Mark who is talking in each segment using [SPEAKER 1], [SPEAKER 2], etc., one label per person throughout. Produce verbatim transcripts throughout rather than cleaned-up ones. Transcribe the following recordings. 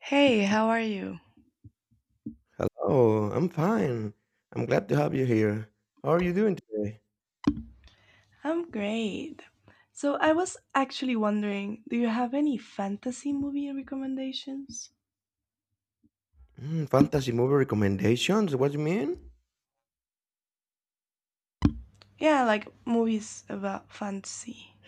[SPEAKER 1] Hey, how are you?
[SPEAKER 2] Hello, I'm fine. I'm glad to have you here. How are you doing today?
[SPEAKER 1] I'm great. So I was actually wondering, do you have any fantasy movie recommendations?
[SPEAKER 2] Mm, fantasy movie recommendations? What do you mean?
[SPEAKER 1] Yeah, like movies about fantasy.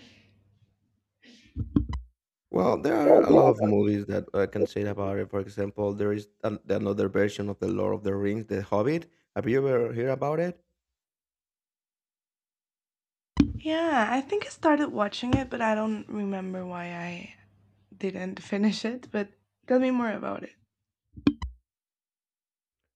[SPEAKER 2] Well, there are a lot of movies that I can say about it. For example, there is an- another version of The Lord of the Rings, The Hobbit. Have you ever heard about it?
[SPEAKER 1] Yeah, I think I started watching it, but I don't remember why I didn't finish it, but tell me more about it.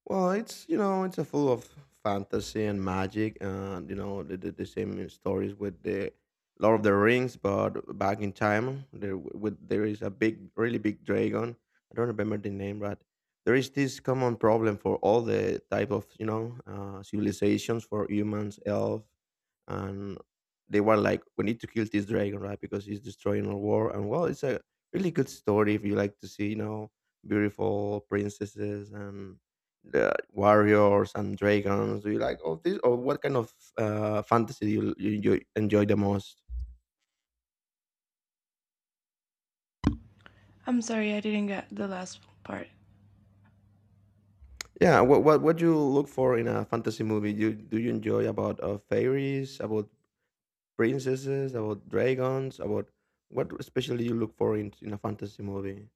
[SPEAKER 2] Well, it's you know it's a full of fantasy and magic, and you know the, the, the same stories with the Lord of the Rings, but back in time there w- with there is a big, really big dragon. I don't remember the name, but there is this common problem for all the type of you know uh, civilizations for humans, elf, and they were like, we need to kill this dragon, right? Because he's destroying our war. And well, it's a really good story if you like to see you know beautiful princesses and the warriors and dragons. Do you like all this, or what kind of uh, fantasy do you, you, you enjoy the most?
[SPEAKER 1] I'm sorry I didn't get the last part.
[SPEAKER 2] Yeah, what what what you look for in a fantasy movie? Do do you enjoy about uh, fairies, about princesses, about dragons, about what especially you look for in in a fantasy movie?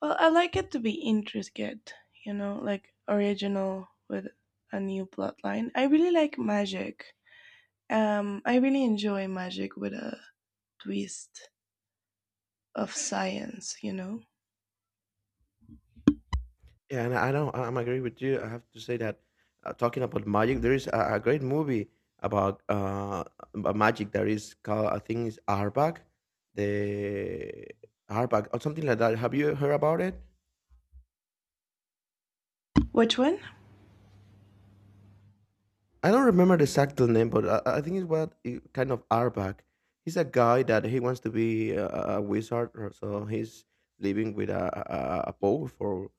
[SPEAKER 1] Well, I like it to be intricate, you know, like original with a new plotline. I really like magic. Um, I really enjoy magic with a twist of science, you know?
[SPEAKER 2] Yeah, and I don't. I'm agree with you. I have to say that uh, talking about magic, there is a, a great movie about uh a magic that is called I think it's Arbak, the Arbak or something like that. Have you heard about it?
[SPEAKER 1] Which one?
[SPEAKER 2] I don't remember the exact name, but I, I think it's what it- kind of Arbak. He's a guy that he wants to be a, a wizard, or so he's living with a, a, a a powerful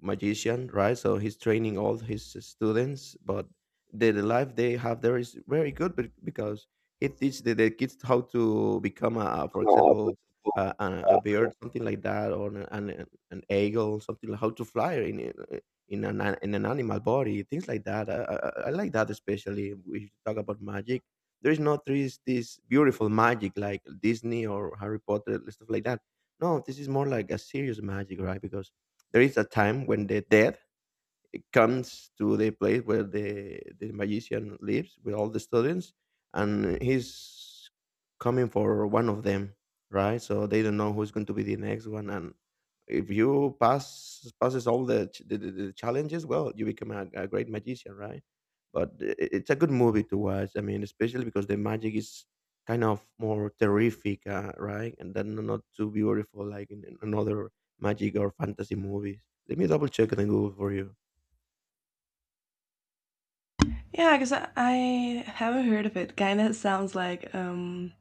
[SPEAKER 2] magician, right? So he's training all his students, but the, the life they have there is very good be- because he teaches the, the kids how to become, a, for example, a, a a bird, something like that, or an, an, an eagle, something like how to fly in, in an an- in an animal body, things like that. I, I, I like that especially. if We talk about magic. There is not this this beautiful magic like Disney or Harry Potter and stuff like that. No, this is more like a serious magic, right? Because there is a time when the dead comes to the place where the the magician lives with all the students, and he's coming for one of them, right? So they don't know who's going to be the next one, and if you pass passes all the ch- the, the, the challenges, well, you become a, a great magician, right? But i- i- it's a good movie to watch. I mean, especially because the magic is kind of more terrific, uh, right? And then not too beautiful like in, in another magic or fantasy movies. Let me double check it and Google for you.
[SPEAKER 1] Yeah, because I, I haven't heard of it. Kind of sounds like um,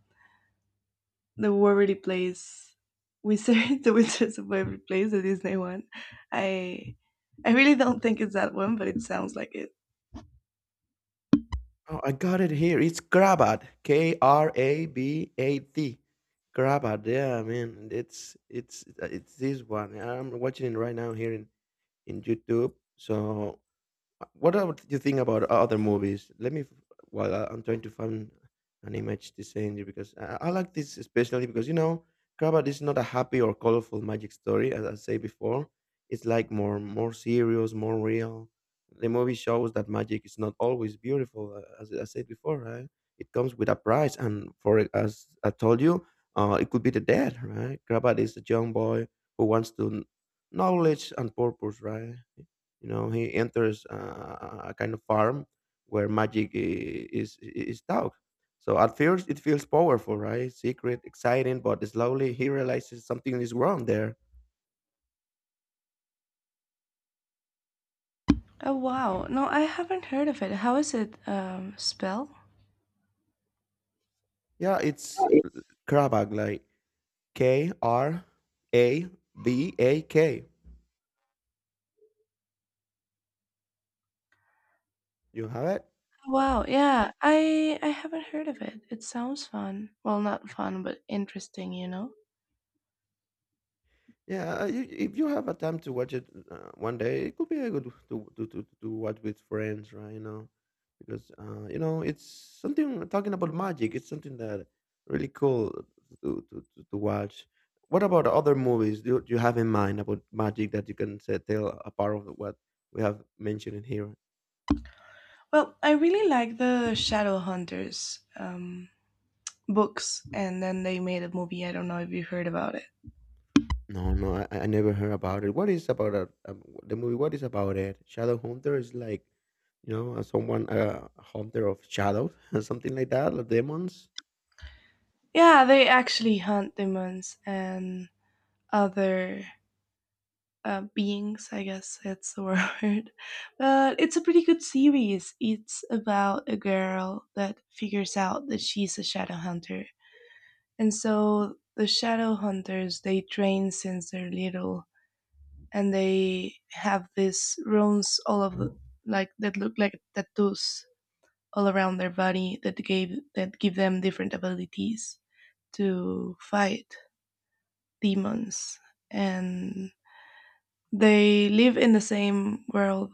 [SPEAKER 1] the Waverly Place Wizard, the Wizards of Waverly Place, the Disney one. I I really don't think it's that one, but it sounds like it.
[SPEAKER 2] Oh, I got it here. It's Krabat. K R A B A T. Krabat. Yeah, man. It's it's uh, it's this one. I'm watching it right now here in in YouTube. So what about you think about other movies? Let me, while I- I'm trying to find an image to send you, because I, I like this especially because you know, Krabat is not a happy or colorful magic story, as I said before. It's like more, more serious, more real. The movie shows that magic is not always beautiful, uh, as I said before, right? It comes with a price, and for it, as I told you, uh, it could be the death, right? Krabat is a young boy who wants to kn- knowledge and purpose, right? You know, he enters uh, a kind of farm where magic i- is is taught. So at first it feels powerful, right? Secret, exciting, but slowly he realizes something is wrong there.
[SPEAKER 1] Oh wow! No, I haven't heard of it. How is it um, spelled?
[SPEAKER 2] Yeah, it's Krabak, like K R A B A K. You have it?
[SPEAKER 1] Wow, yeah. I I haven't heard of it. It sounds fun. Well, not fun, but interesting, you know.
[SPEAKER 2] Yeah, uh, you, if you have a time to watch it uh, one day, it could be a good to to to, to watch with friends, right? You know, because uh, you know it's something talking about magic. It's something that really cool to to, to, to watch. What about other movies? Do, do you have in mind about magic that you can say, tell apart of what we have mentioned in here?
[SPEAKER 1] Well, I really like the Shadowhunters um books and then they made a movie. I don't know if you heard about it.
[SPEAKER 2] No, no, I, I never heard about it. What is about it, um, the movie? What is about it? Shadow Hunter is like, you know, as someone a hunter of shadows, something like that, or demons.
[SPEAKER 1] Yeah, they actually hunt demons and other uh, beings, I guess that's the word. But it's a pretty good series. It's about a girl that figures out that she's a shadow hunter. And so the shadow hunters, they train since they're little and they have these runes all of the, like that look like tattoos all around their body that gave that give them different abilities to fight demons and they live in the same world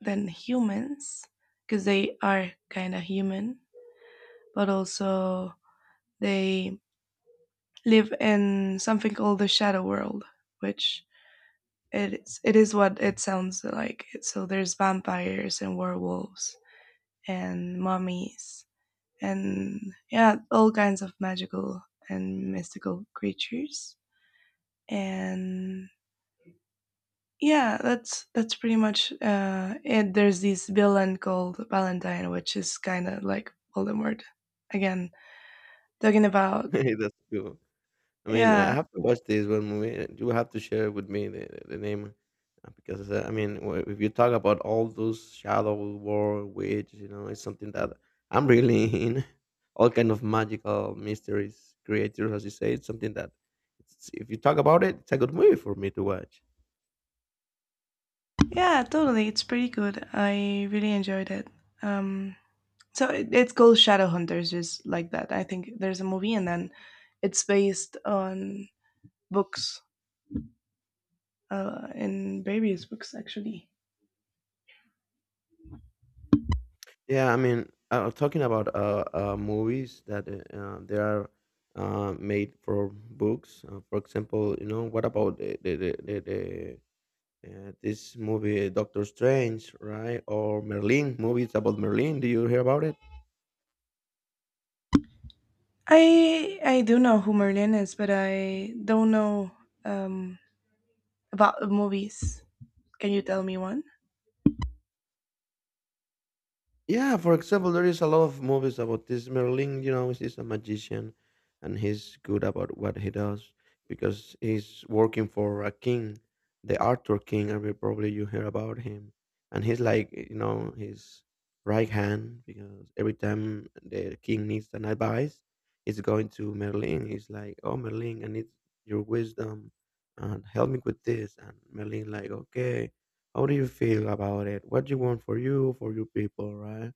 [SPEAKER 1] than humans because they are kind of human but also they live in something called the shadow world which it is, it is what it sounds like. So there's vampires and werewolves and mummies and yeah, all kinds of magical and mystical creatures. And yeah, that's that's pretty much uh, it. There's this villain called Valentine, which is kind of like Voldemort. Again, talking about
[SPEAKER 2] That's cool. I mean, I
[SPEAKER 1] yeah,
[SPEAKER 2] have to watch this one movie. You have to share with me the, the the name, uh, because uh, I mean, w- if you talk about all those shadow war witch, you know, it's something that I'm really in. All kind of magical mysteries, creators, as you say, it's something that it's, if you talk about it, it's a good movie for me to watch.
[SPEAKER 1] yeah, totally. It's pretty good. I really enjoyed it. Um, So it, it's called Shadowhunters, just like that. I think there's a movie, and then it's based on books, uh, in various books actually.
[SPEAKER 2] Yeah, I mean, uh, talking about uh, uh, movies that uh, uh, they are uh, made for books. Uh, for example, you know, what about the the the, the, the uh, this movie uh, Doctor Strange, right? Or Merlin movies about Merlin. Do you hear about it?
[SPEAKER 1] I I do know who Merlin is, but I don't know um, about the movies. Can you tell me one?
[SPEAKER 2] Yeah, for example, there is a lot of movies about this Merlin. You know, he's a magician, and he's good about what he does because he's working for a king, the Arthur King. I mean, probably you hear about him, and he's like, you know, his right hand because every time the king needs an advice, he's going to Merlin. He's like, "Oh, Merlin, I need your wisdom, and help me with this." And Merlin, like, "Okay." How do you feel about it? What do you want for you, for your people, right?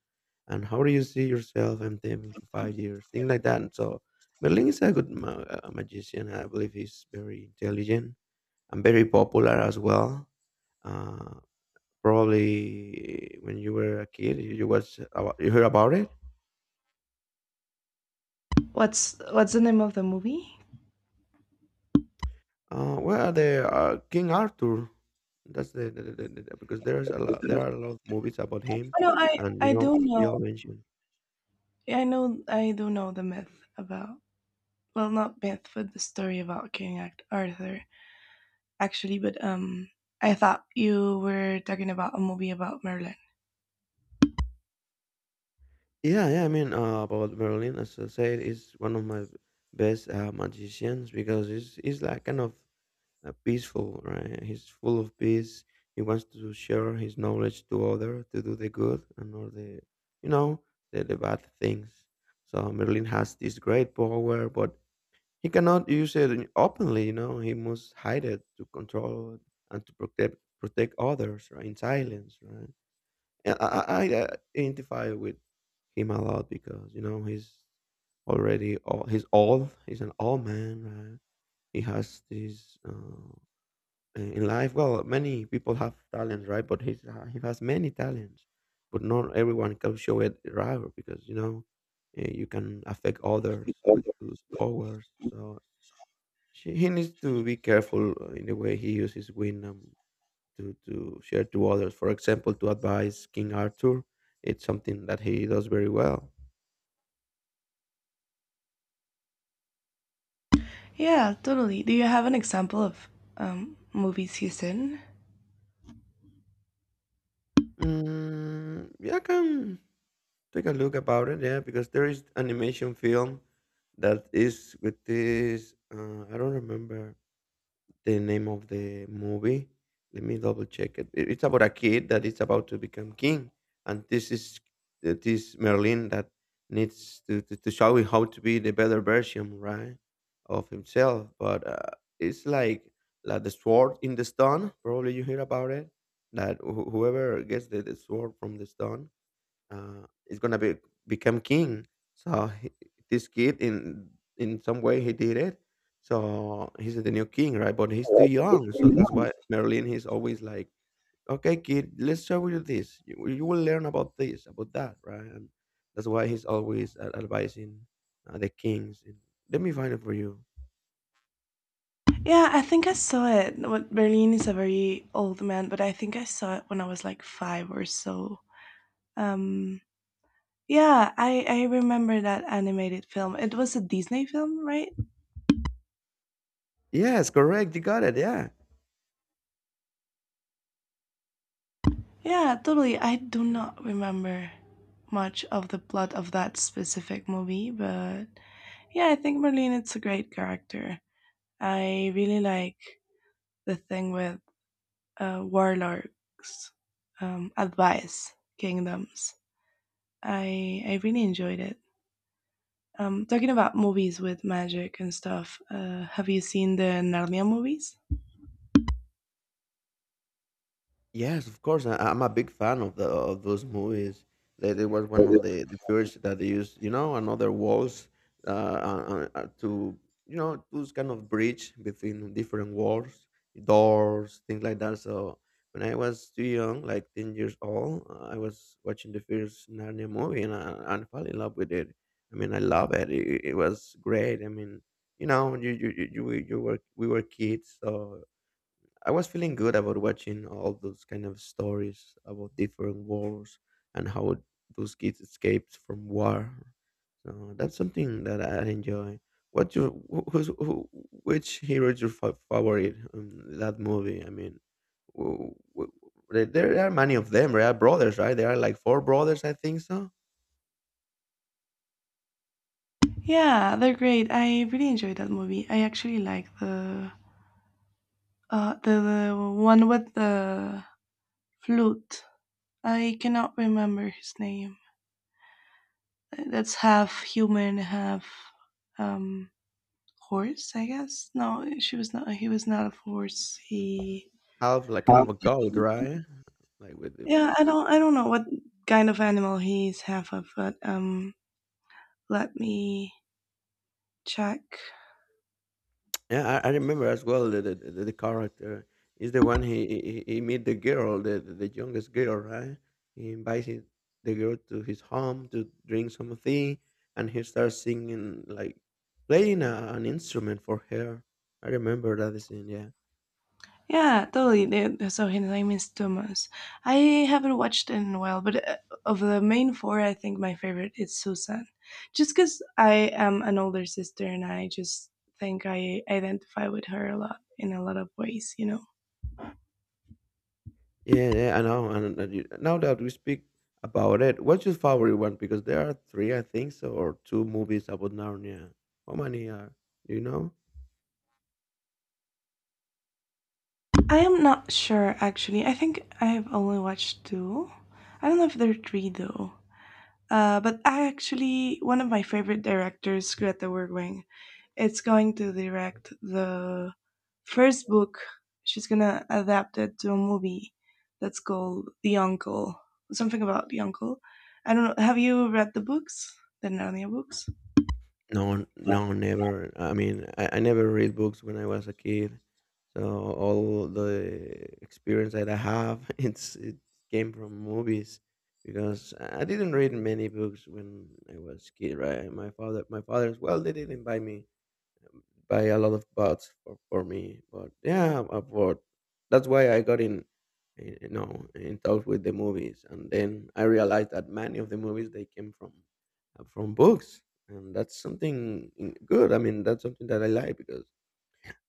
[SPEAKER 2] And how do you see yourself in them to five years? Things like that. And so Merlin is a good ma- uh, magician. I believe he's very intelligent and very popular as well. Uh, probably eh, when you were a kid, you, you watch about, you heard about it.
[SPEAKER 1] What's what's the name of the movie?
[SPEAKER 2] Uh, well, the uh, King Arthur. That's the, the, the, the the- because there's a lot.
[SPEAKER 1] Oh,
[SPEAKER 2] There are a lot of movies about him,
[SPEAKER 1] no, I
[SPEAKER 2] and you
[SPEAKER 1] I
[SPEAKER 2] know
[SPEAKER 1] do
[SPEAKER 2] they
[SPEAKER 1] know.
[SPEAKER 2] all mention.
[SPEAKER 1] I know I do know the myth about well, not myth, but the story about King Act Arthur. Actually, but um, I thought you were talking about a movie about Merlin.
[SPEAKER 2] Yeah, yeah. I mean, uh, about Merlin, as I said, is one of my best uh, magicians because he's he's like kind of uh, peaceful, right? He's full of peace. He wants to share his knowledge to other to do the good and not the, you know, the, the bad things. So Merlin has this great power, but he cannot use it openly. You know, he must hide it to control and to protect protect others, right? In silence, right? Yeah, I, I I uh, identify with him a lot because you know he's already all he's old. He's an old man, right? He has this uh, in life. Well, many people have talents, right? But he's uh, he has many talents, but not everyone can show it right because you know eh, you can affect others with those powers. So she, he needs to be careful uh, in the way he uses wisdom to to share to others. For example, to advise King Arthur, it's something that he does very well.
[SPEAKER 1] Yeah, totally. Do you have an example of um, movies he's in?
[SPEAKER 2] Mm, yeah, I can take a look about it. Yeah, because there is animation film that is with this. Uh, I don't remember the name of the movie. Let me double check it. It- It's about a kid that is about to become king, and this is uh, this Merlin that needs to, to, to show him how to be the better version, right, of himself. But uh, it's like like the sword in the stone. Probably you hear about it. That wh- whoever gets the, the sword from the stone uh, is gonna be become king. So he, this kid, in in some way, he did it. So he's the new king, right? But he's too young, so that's why Merlin he's always like, "Okay, kid, let's show you this. You, you will learn about this, about that, right?" And that's why he's always uh, advising uh, the kings. And, Let me find it for you.
[SPEAKER 1] Yeah, I think I saw it. What Berlin is a very old man, but I think I saw it when I was like five or so. Um, yeah, I I remember that animated film. It was a Disney film, right?
[SPEAKER 2] Yes, correct. You got it. Yeah.
[SPEAKER 1] Yeah, totally. I do not remember much of the plot of that specific movie, but yeah, I think Marlene it's a great character. I really like the thing with uh, warlocks um, advice kingdoms. I I really enjoyed it. Um, talking about movies with magic and stuff. Uh, have you seen the Narnia movies?
[SPEAKER 2] Yes, of course. I, I'm a big fan of the of those movies. That it was one of the the first that they used, you know, another walls uh, uh, uh, to you know those kind of bridge between different walls, doors, things like that. So when I was too young, like ten years old, uh, I was watching the first Narnia movie and I, I fell in love with it. I mean, I love it. It, it was great. I mean, you know, you you you you, we- you were we were kids, so I was feeling good about watching all those kind of stories about different wars and how those kids escaped from war. So that's something that I enjoy. What's your wh- who's, who, which hero is your fa- favorite in that movie? I mean, there, there are many of them. There are brothers, right? There are like four brothers, I think so.
[SPEAKER 1] Yeah, they're great. I really enjoyed that movie. I actually like the uh the, the one with the flute. I cannot remember his name. That's half human, half um, horse. I guess no, she was not. He was not a horse. He
[SPEAKER 2] Half like kind
[SPEAKER 1] huh?
[SPEAKER 2] of a goat, right? Like with the…
[SPEAKER 1] Yeah. I don't. I don't know what kind of animal he's half of, but um, let me check.
[SPEAKER 2] Yeah, I, I remember as well the, the the the character is the one he he, he he meet the girl, the the the youngest girl, right? He invites his- the girl to his home to drink something, and he starts singing, like playing a, an instrument for her. I remember that scene. Yeah,
[SPEAKER 1] Yeah, totally. They- So his name is Thomas. I haven't watched in a while, but uh, of the main four, I think my favorite is Susan, just because I am an older sister and I just think I identify with her a lot in a lot of ways. You know.
[SPEAKER 2] yeah, yeah. I know. And and you- now that we speak about it, what's your favorite one? Because there are three, I think, so, or two movies about Narnia. How many are? Do you know?
[SPEAKER 1] I am not sure actually. I think I have only watched two. I don't know if there are three though. Uh, but I actually one of my favorite directors, Greta Gerwig, is going to direct the first book. She's gonna adapt it to a movie that's called The Uncle, something about the uncle. I don't know. Have you read the books, the Narnia books?
[SPEAKER 2] No, no, never. I mean, I, I never read books when I was a kid, so all the experience that I have, it's it came from movies because I I didn't read many books when I was kid, right? My father, my father's well, they didn't buy me buy a lot of bots for, for me. But yeah, I'm bored. That's why I got in, eh, you know, in touch with the movies, and then I realized that many of the movies they came from uh, from books, and that's something in- good. I mean, that's something that I like. Because,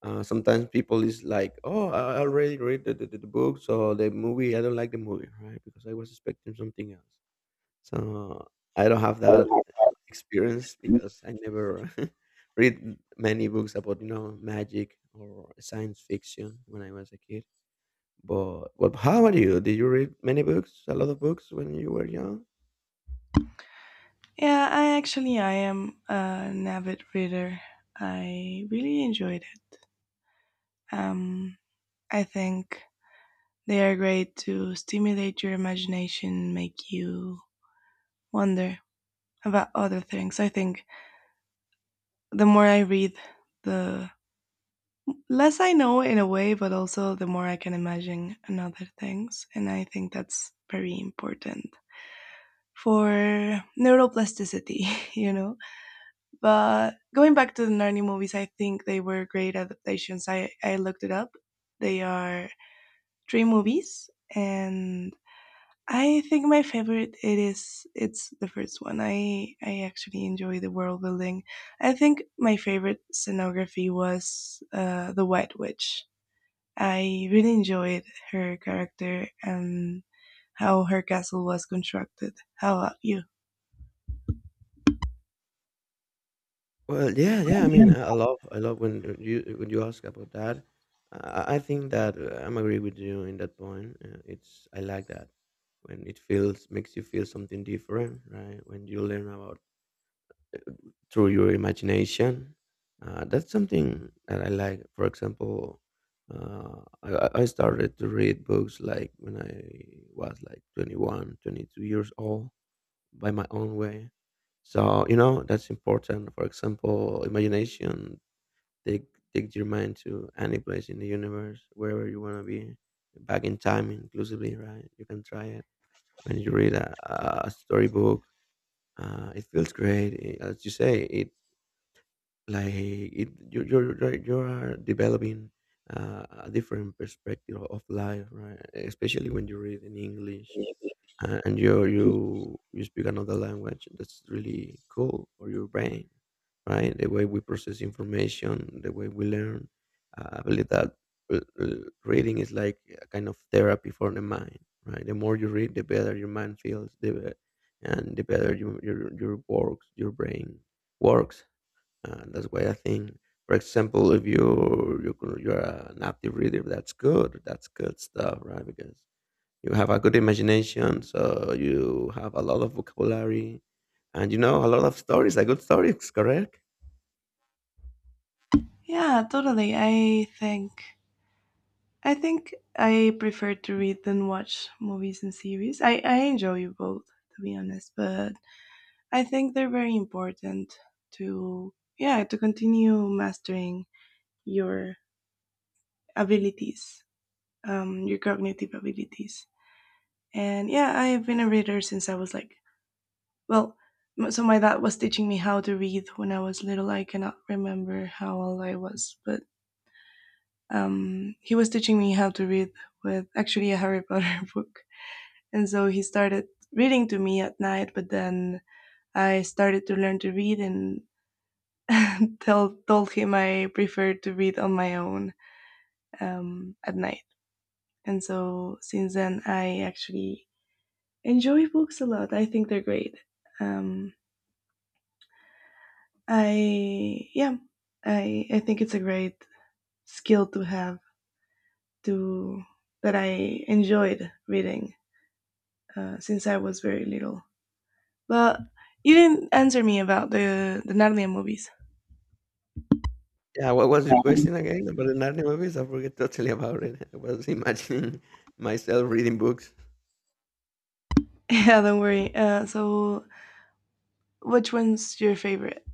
[SPEAKER 2] Uh, sometimes people is like, "Oh, I I already read the, the, the book, so the movie, I don't like the movie, right? Because I was expecting something else." So I don't have that experience because I never read many books about, you know, magic or science fiction when I was a kid. But but how about you? Did you read many books? A lot of books when you were young?
[SPEAKER 1] Yeah, I actually I am an avid reader. I really enjoyed it. Um, I think they are great to stimulate your imagination, make you wonder about other things. I think the more I read, the less I know in a way, but also the more I can imagine and other things. And I think that's very important for neuroplasticity, you know. But going back to the Narnia movies, I think they were great adaptations. I, I looked it up. They are three movies and I think my favorite it is it's the first one. I I actually enjoy the world building. I think my favorite scenography was uh, the White Witch. I really enjoyed her character and how her castle was constructed. How about you?
[SPEAKER 2] Well, yeah, yeah. I mean, I I love, I love when uh, you, when you ask about that. I, I I think that uh, I'm agree with you in that point. Uh, it's, I like that when it feels, makes you feel something different, right? When you learn about, through your imagination. Uh, that's something that I like. For example, uh, I, I I started to read books like when I was like twenty one, twenty two years old by my own way. So, you know, that's important. For example, imagination, take, take your mind to any place in the universe, wherever you want to be, back in time inclusively, right? You can try it when you read a, a storybook. Uh, it feels great. i- As you say, it like it you're you're you're, you're developing uh, a different perspective of life, right? Especially when you read in English, uh, and you you you speak another language, that's really cool for your brain, right? The way we process information, the way we learn, uh, I believe that uh, uh, reading is like a kind of therapy for the mind, right? The more you read, the better your mind feels, the be- and the better your your, your works your brain works. Uh, that's why I think, for example, if you you you're you're an active reader, that's good. That's good stuff, right? Because you have a good imagination, so you have a lot of vocabulary, and you know a lot of stories, like good stories, correct?
[SPEAKER 1] Yeah, totally. I think I think I prefer to read than watch movies and series. I I enjoy both to be honest, but I think they're very important to yeah to continue mastering your abilities, um, your cognitive abilities. And yeah, I have been a reader since I was like well, m- so my dad was teaching me how to read when I was little. I cannot remember how old I was, but um, he was teaching me how to read with actually a Harry Potter book, and so he started reading to me at night. But then I started to learn to read, and tell, told him I preferred to read on my own um, at night. And so since then, I actually enjoy books a lot. I think they're great. Um, I yeah, I I think it's a great skill to have to that I enjoyed reading uh, since I was very little. But you didn't answer me about the the Narnia movies.
[SPEAKER 2] Yeah. What was your question again about the Narnia movies? I forget totally about it. I was imagining myself reading books.
[SPEAKER 1] Yeah, don't worry. Uh, so which one's your favorite?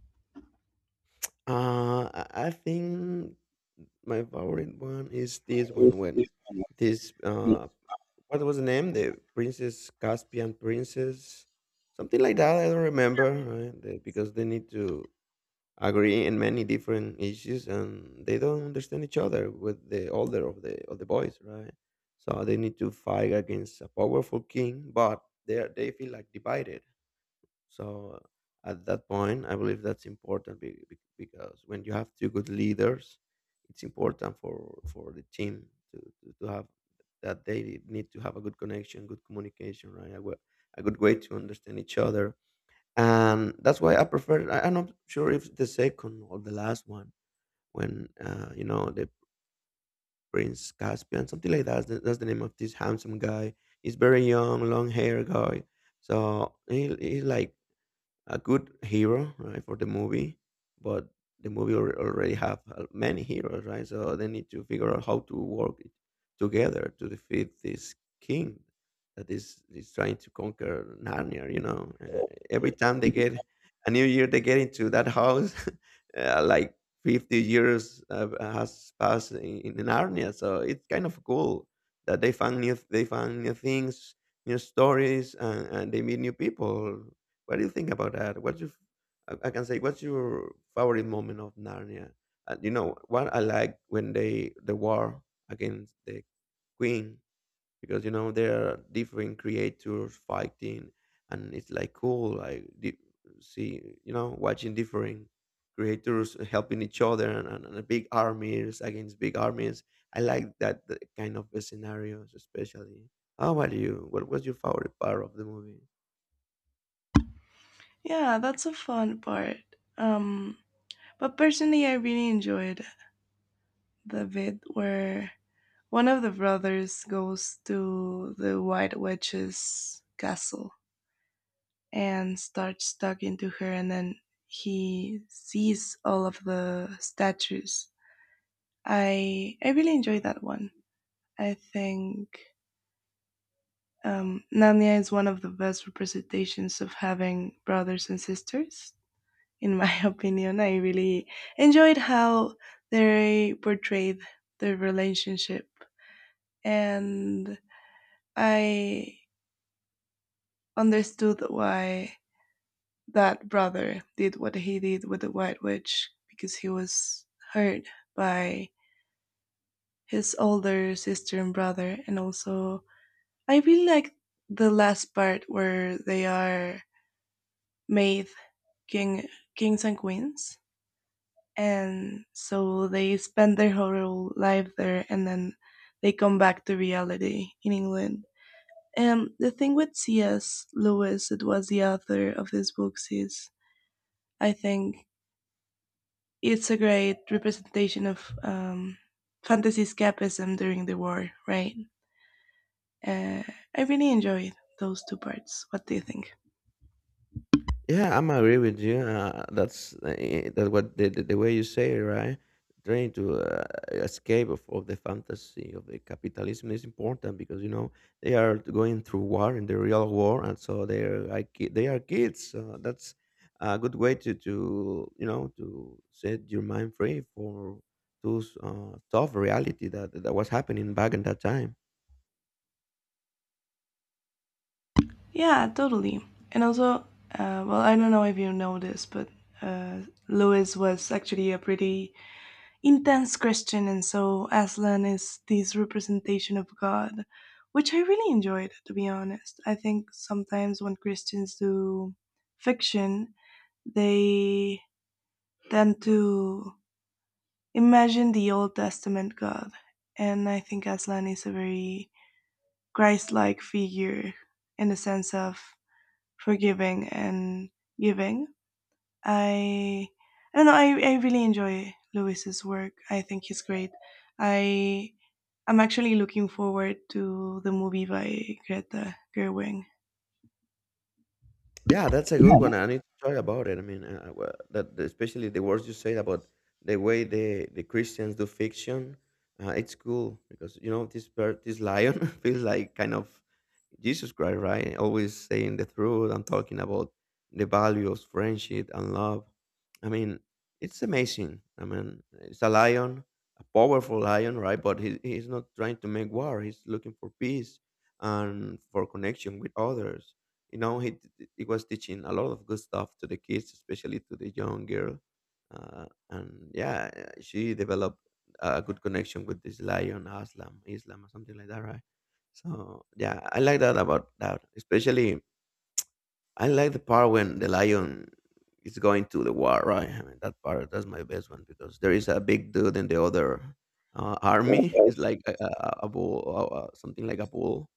[SPEAKER 2] Uh, I I think my favorite one is this one when this uh, what was the name? The Princess Caspian, Princess, something like that. I don't remember, right? They- Because they need to agree in many different issues, and they don't understand each other with the older of the of the boys, right? So they need to fight against a powerful king, but they are, they feel like divided. So at that point, I believe that's important be- be- because when you have two good leaders, it's important for for the team to, to, to have, that they need to have a good connection, good communication, right? A, wa- a good way to understand each other, and that's why I prefer. I, I'm not sure if the second or the last one, when uh, you know, the Prince Caspian, something like that. That's the, that's the name of this handsome guy. He's very young, long hair guy. So he, he's like a good hero, right, for the movie. But the movie al- already have uh, many heroes, right? So they need to figure out how to work it together to defeat this king that is is trying to conquer Narnia, you know. Uh, every time they get a new year, they get into that house. Uh, like fifty years uh, has passed in, in Narnia, so it's kind of cool that they found new they found new things, new stories, and, and they meet new people. What do you think about that? What's your, I I can say, what's your favorite moment of Narnia? Uh, you know what I like, when they the war against the queen, because you know there are different creators fighting, and it's like cool, like di- see, you know, watching different creators helping each other, and, and, and big armies against big armies. I like that, the kind of scenarios, especially. How about you? What was your favorite part of the movie?
[SPEAKER 1] Yeah, that's a fun part. Um, but personally, I really enjoyed the bit where one of the brothers goes to the White Witch's castle and starts talking to her, and then he sees all of the statues. I I really enjoyed that one. I think um, Narnia is one of the best representations of having brothers and sisters in my opinion. I really enjoyed how they portrayed the relationship, and I understood why that brother did what he did with the White Witch because he was hurt by his older sister and brother, and also I really like the last part where they are made king kings and queens and so they spend their whole life there and then they come back to reality in England. And the thing with C S. Lewis, it was the author of these books, is I think it's a great representation of um, fantasy escapism during the war, right? Uh, I really enjoyed those two parts. What do you think?
[SPEAKER 2] Yeah, I'm agree with you. Uh, that's uh, eh, that, what the, the, the way you say it, right? Trying to uh, escape of, of the fantasy of the capitalism is important, because you know they are going through war in the real war, and so they are like ki- they are kids. So that's a good way to to you know, to set your mind free for those uh, tough reality that, that was happening back in that time.
[SPEAKER 1] Yeah, totally. And also, uh, well, I don't know if you know this, but uh, Lewis was actually a pretty intense Christian, and so Aslan is this representation of God, which I really enjoyed, to be honest. I think sometimes when Christians do fiction, they tend to imagine the Old Testament God, and I think Aslan is a very Christ like figure in the sense of forgiving and giving. I I don't know, I, I really enjoy Lewis's work. I think he's great. I I'm actually looking forward to the movie by Greta Gerwig.
[SPEAKER 2] Yeah, that's a good one. I need to try about it. I mean, uh, uh, well, that the- especially the words you said about the way the the Christians do fiction, uh, it's cool because, you know, this bird, this lion feels like kind of Jesus Christ, right? Always saying the truth and talking about the value of friendship and love. I mean, it's amazing. I mean, it's a lion, a powerful lion, right? But he, he's not trying to make war. He's looking for peace and for connection with others. You know, he, t- he was teaching a lot of good stuff to the kids, especially to the young girl. Uh, and yeah, she developed a good connection with this lion, Aslam, Islam, or something like that, right? So, yeah, I like that about that. Especially, I like the part when the lion is going to the war, right? I mean, that part, that's my best one, because there is a big dude in the other uh, army. It's like a, a, a bull, uh, uh, something like a bull,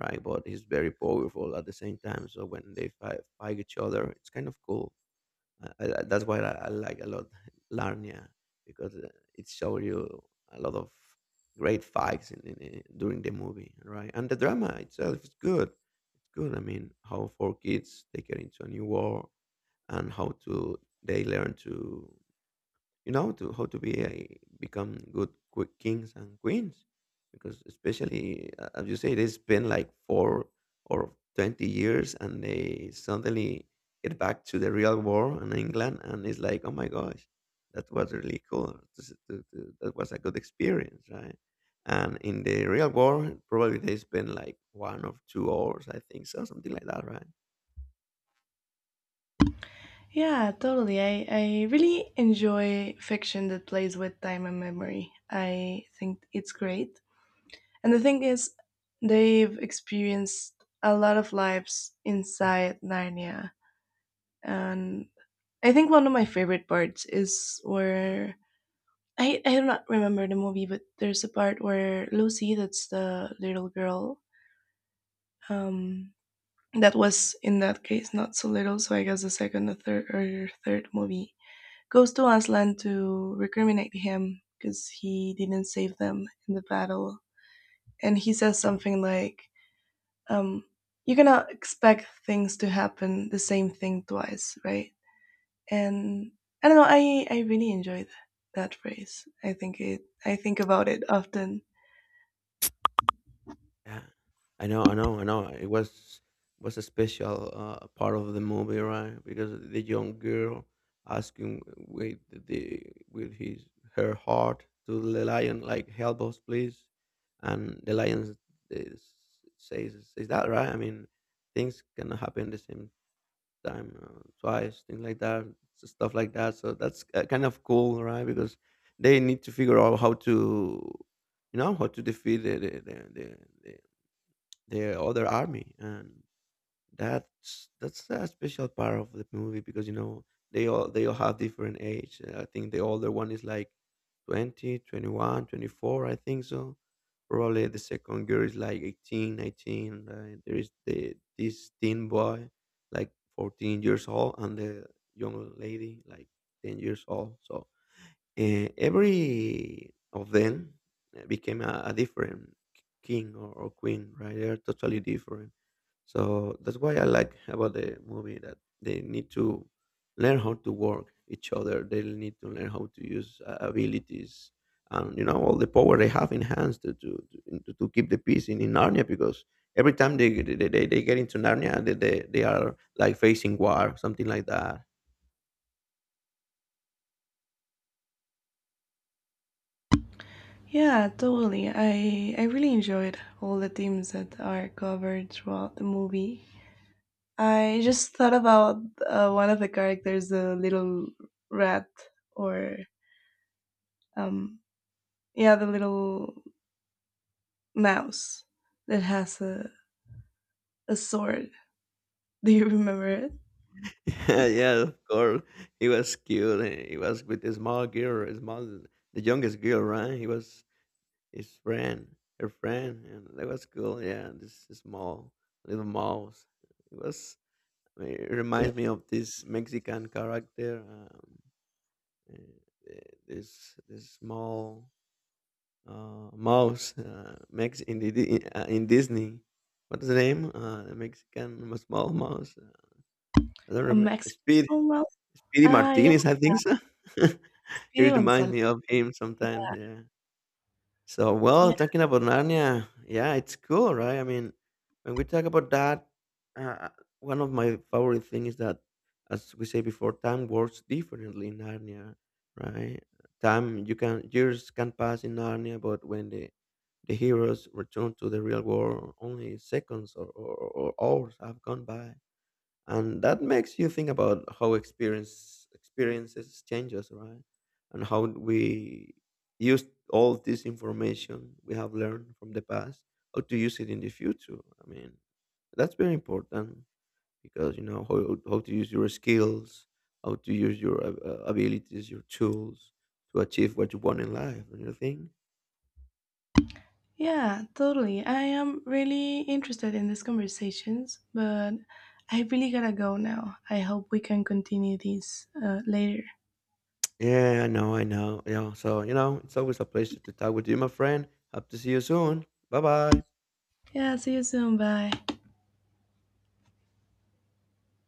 [SPEAKER 2] right? But he's very powerful at the same time. So when they fight, fight each other, it's kind of cool. Uh, uh, that's why I, I like a lot Larnia, because uh, it shows you a lot of great fights in, in, in- during the movie, right? And the drama itself is good. It's good. I mean, how four kids, they get into a new war, and how to they learn to, you know, to how to be a, become good quick kings and queens. Because especially, uh, as you say, they spend like four or twenty years, and they suddenly get back to the real world in England, and it's like, oh my gosh, that was really cool. This- th- th- that was a good experience, right? And in the real world, probably they spend like one or two hours, I think so, something like that, right?
[SPEAKER 1] Yeah, totally. I, I really enjoy fiction that plays with time and memory. I think it's great. And the thing is, they've experienced a lot of lives inside Narnia. And I think one of my favorite parts is where I, I do not remember the movie, but there's a part where Lucy, that's the little girl, um, that was in that case not so little. So I guess the second or third or third movie goes to Aslan to recriminate him because he didn't save them in the battle, and he says something like, um, "You cannot expect things to happen the same thing twice, right?" And I don't know. I I really enjoyed that phrase. I think it. I think about it often.
[SPEAKER 2] Yeah. I know, I know, I know. It was was a special uh, part of the movie, right? Because the young girl asking with the with his her heart to the lion, like, help us, please. And the lion is, says says that, right? I mean, things can happen the same time uh, twice, things like that, so stuff like that. So that's uh, kind of cool, right? Because they need to figure out how to, you know, how to defeat the the the, the, the, the other army. And that's that's a special part of the movie, because, you know, they all they all have different age. Uh, I think the older one is like twenty, twenty one, twenty four. I think so. Probably the second girl is like eighteen, nineteen. Right? There is the this teen boy like fourteen years old, and the young lady like ten years old. So uh, every of them uh, became a, a different k- king or, or queen, right? They are totally different. So that's why I like about the movie, that they need to learn how to work each other. They need to learn how to use uh, abilities and, you know, all the power they have in hands to to to, to keep the peace in, in Narnia. Because every time they they, they, they get into Narnia, they, they they are like facing war, something like that.
[SPEAKER 1] Yeah, totally. I I really enjoyed all the themes that are covered throughout the movie. I just thought about uh, one of the characters, the little rat, or um, yeah, the little mouse that has a, a sword. Do you remember it?
[SPEAKER 2] Yeah, yeah, of course. He was cute. and he was with a small girl, a small, the youngest girl, right? He was his friend, her friend, and that was cool. Yeah, this small little mouse. It was. I mean, it reminds me of this Mexican character. Um, uh, this this small uh, mouse, uh, Mex in the Di- uh, in Disney. What's the name? Uh, the Mexican small mouse. Uh, I don't
[SPEAKER 1] A
[SPEAKER 2] remember.
[SPEAKER 1] Mexican
[SPEAKER 2] Speedy
[SPEAKER 1] small mouse? Ah, yeah,
[SPEAKER 2] Martinez, I think so.
[SPEAKER 1] Speedy
[SPEAKER 2] It reminds
[SPEAKER 1] Gonzalez.
[SPEAKER 2] me of him sometimes, yeah. So,
[SPEAKER 1] Yeah,
[SPEAKER 2] well, talking about Narnia, yeah, it's cool, right? I mean, when we talk about that, uh, one of my favorite things is that, as we say before, time works differently in Narnia, right? Time you can Years can pass in Narnia, but when the the heroes return to the real world, only seconds or, or, or hours have gone by. And that makes you think about how experience experiences change us, right? And how we use all this information we have learned from the past, how to use it in the future. I mean, that's very important, because, you know, how, how to use your skills, how to use your ab- uh, abilities, your tools, to achieve what you want in life. And you think,
[SPEAKER 1] yeah, totally. I am really interested in these conversations, but I really gotta go now. I hope we can continue these uh, later.
[SPEAKER 2] yeah, I know I know yeah. So, you know, it's always a pleasure to talk with you, my friend. Hope to see you soon. Bye bye.
[SPEAKER 1] Yeah, see you soon. Bye.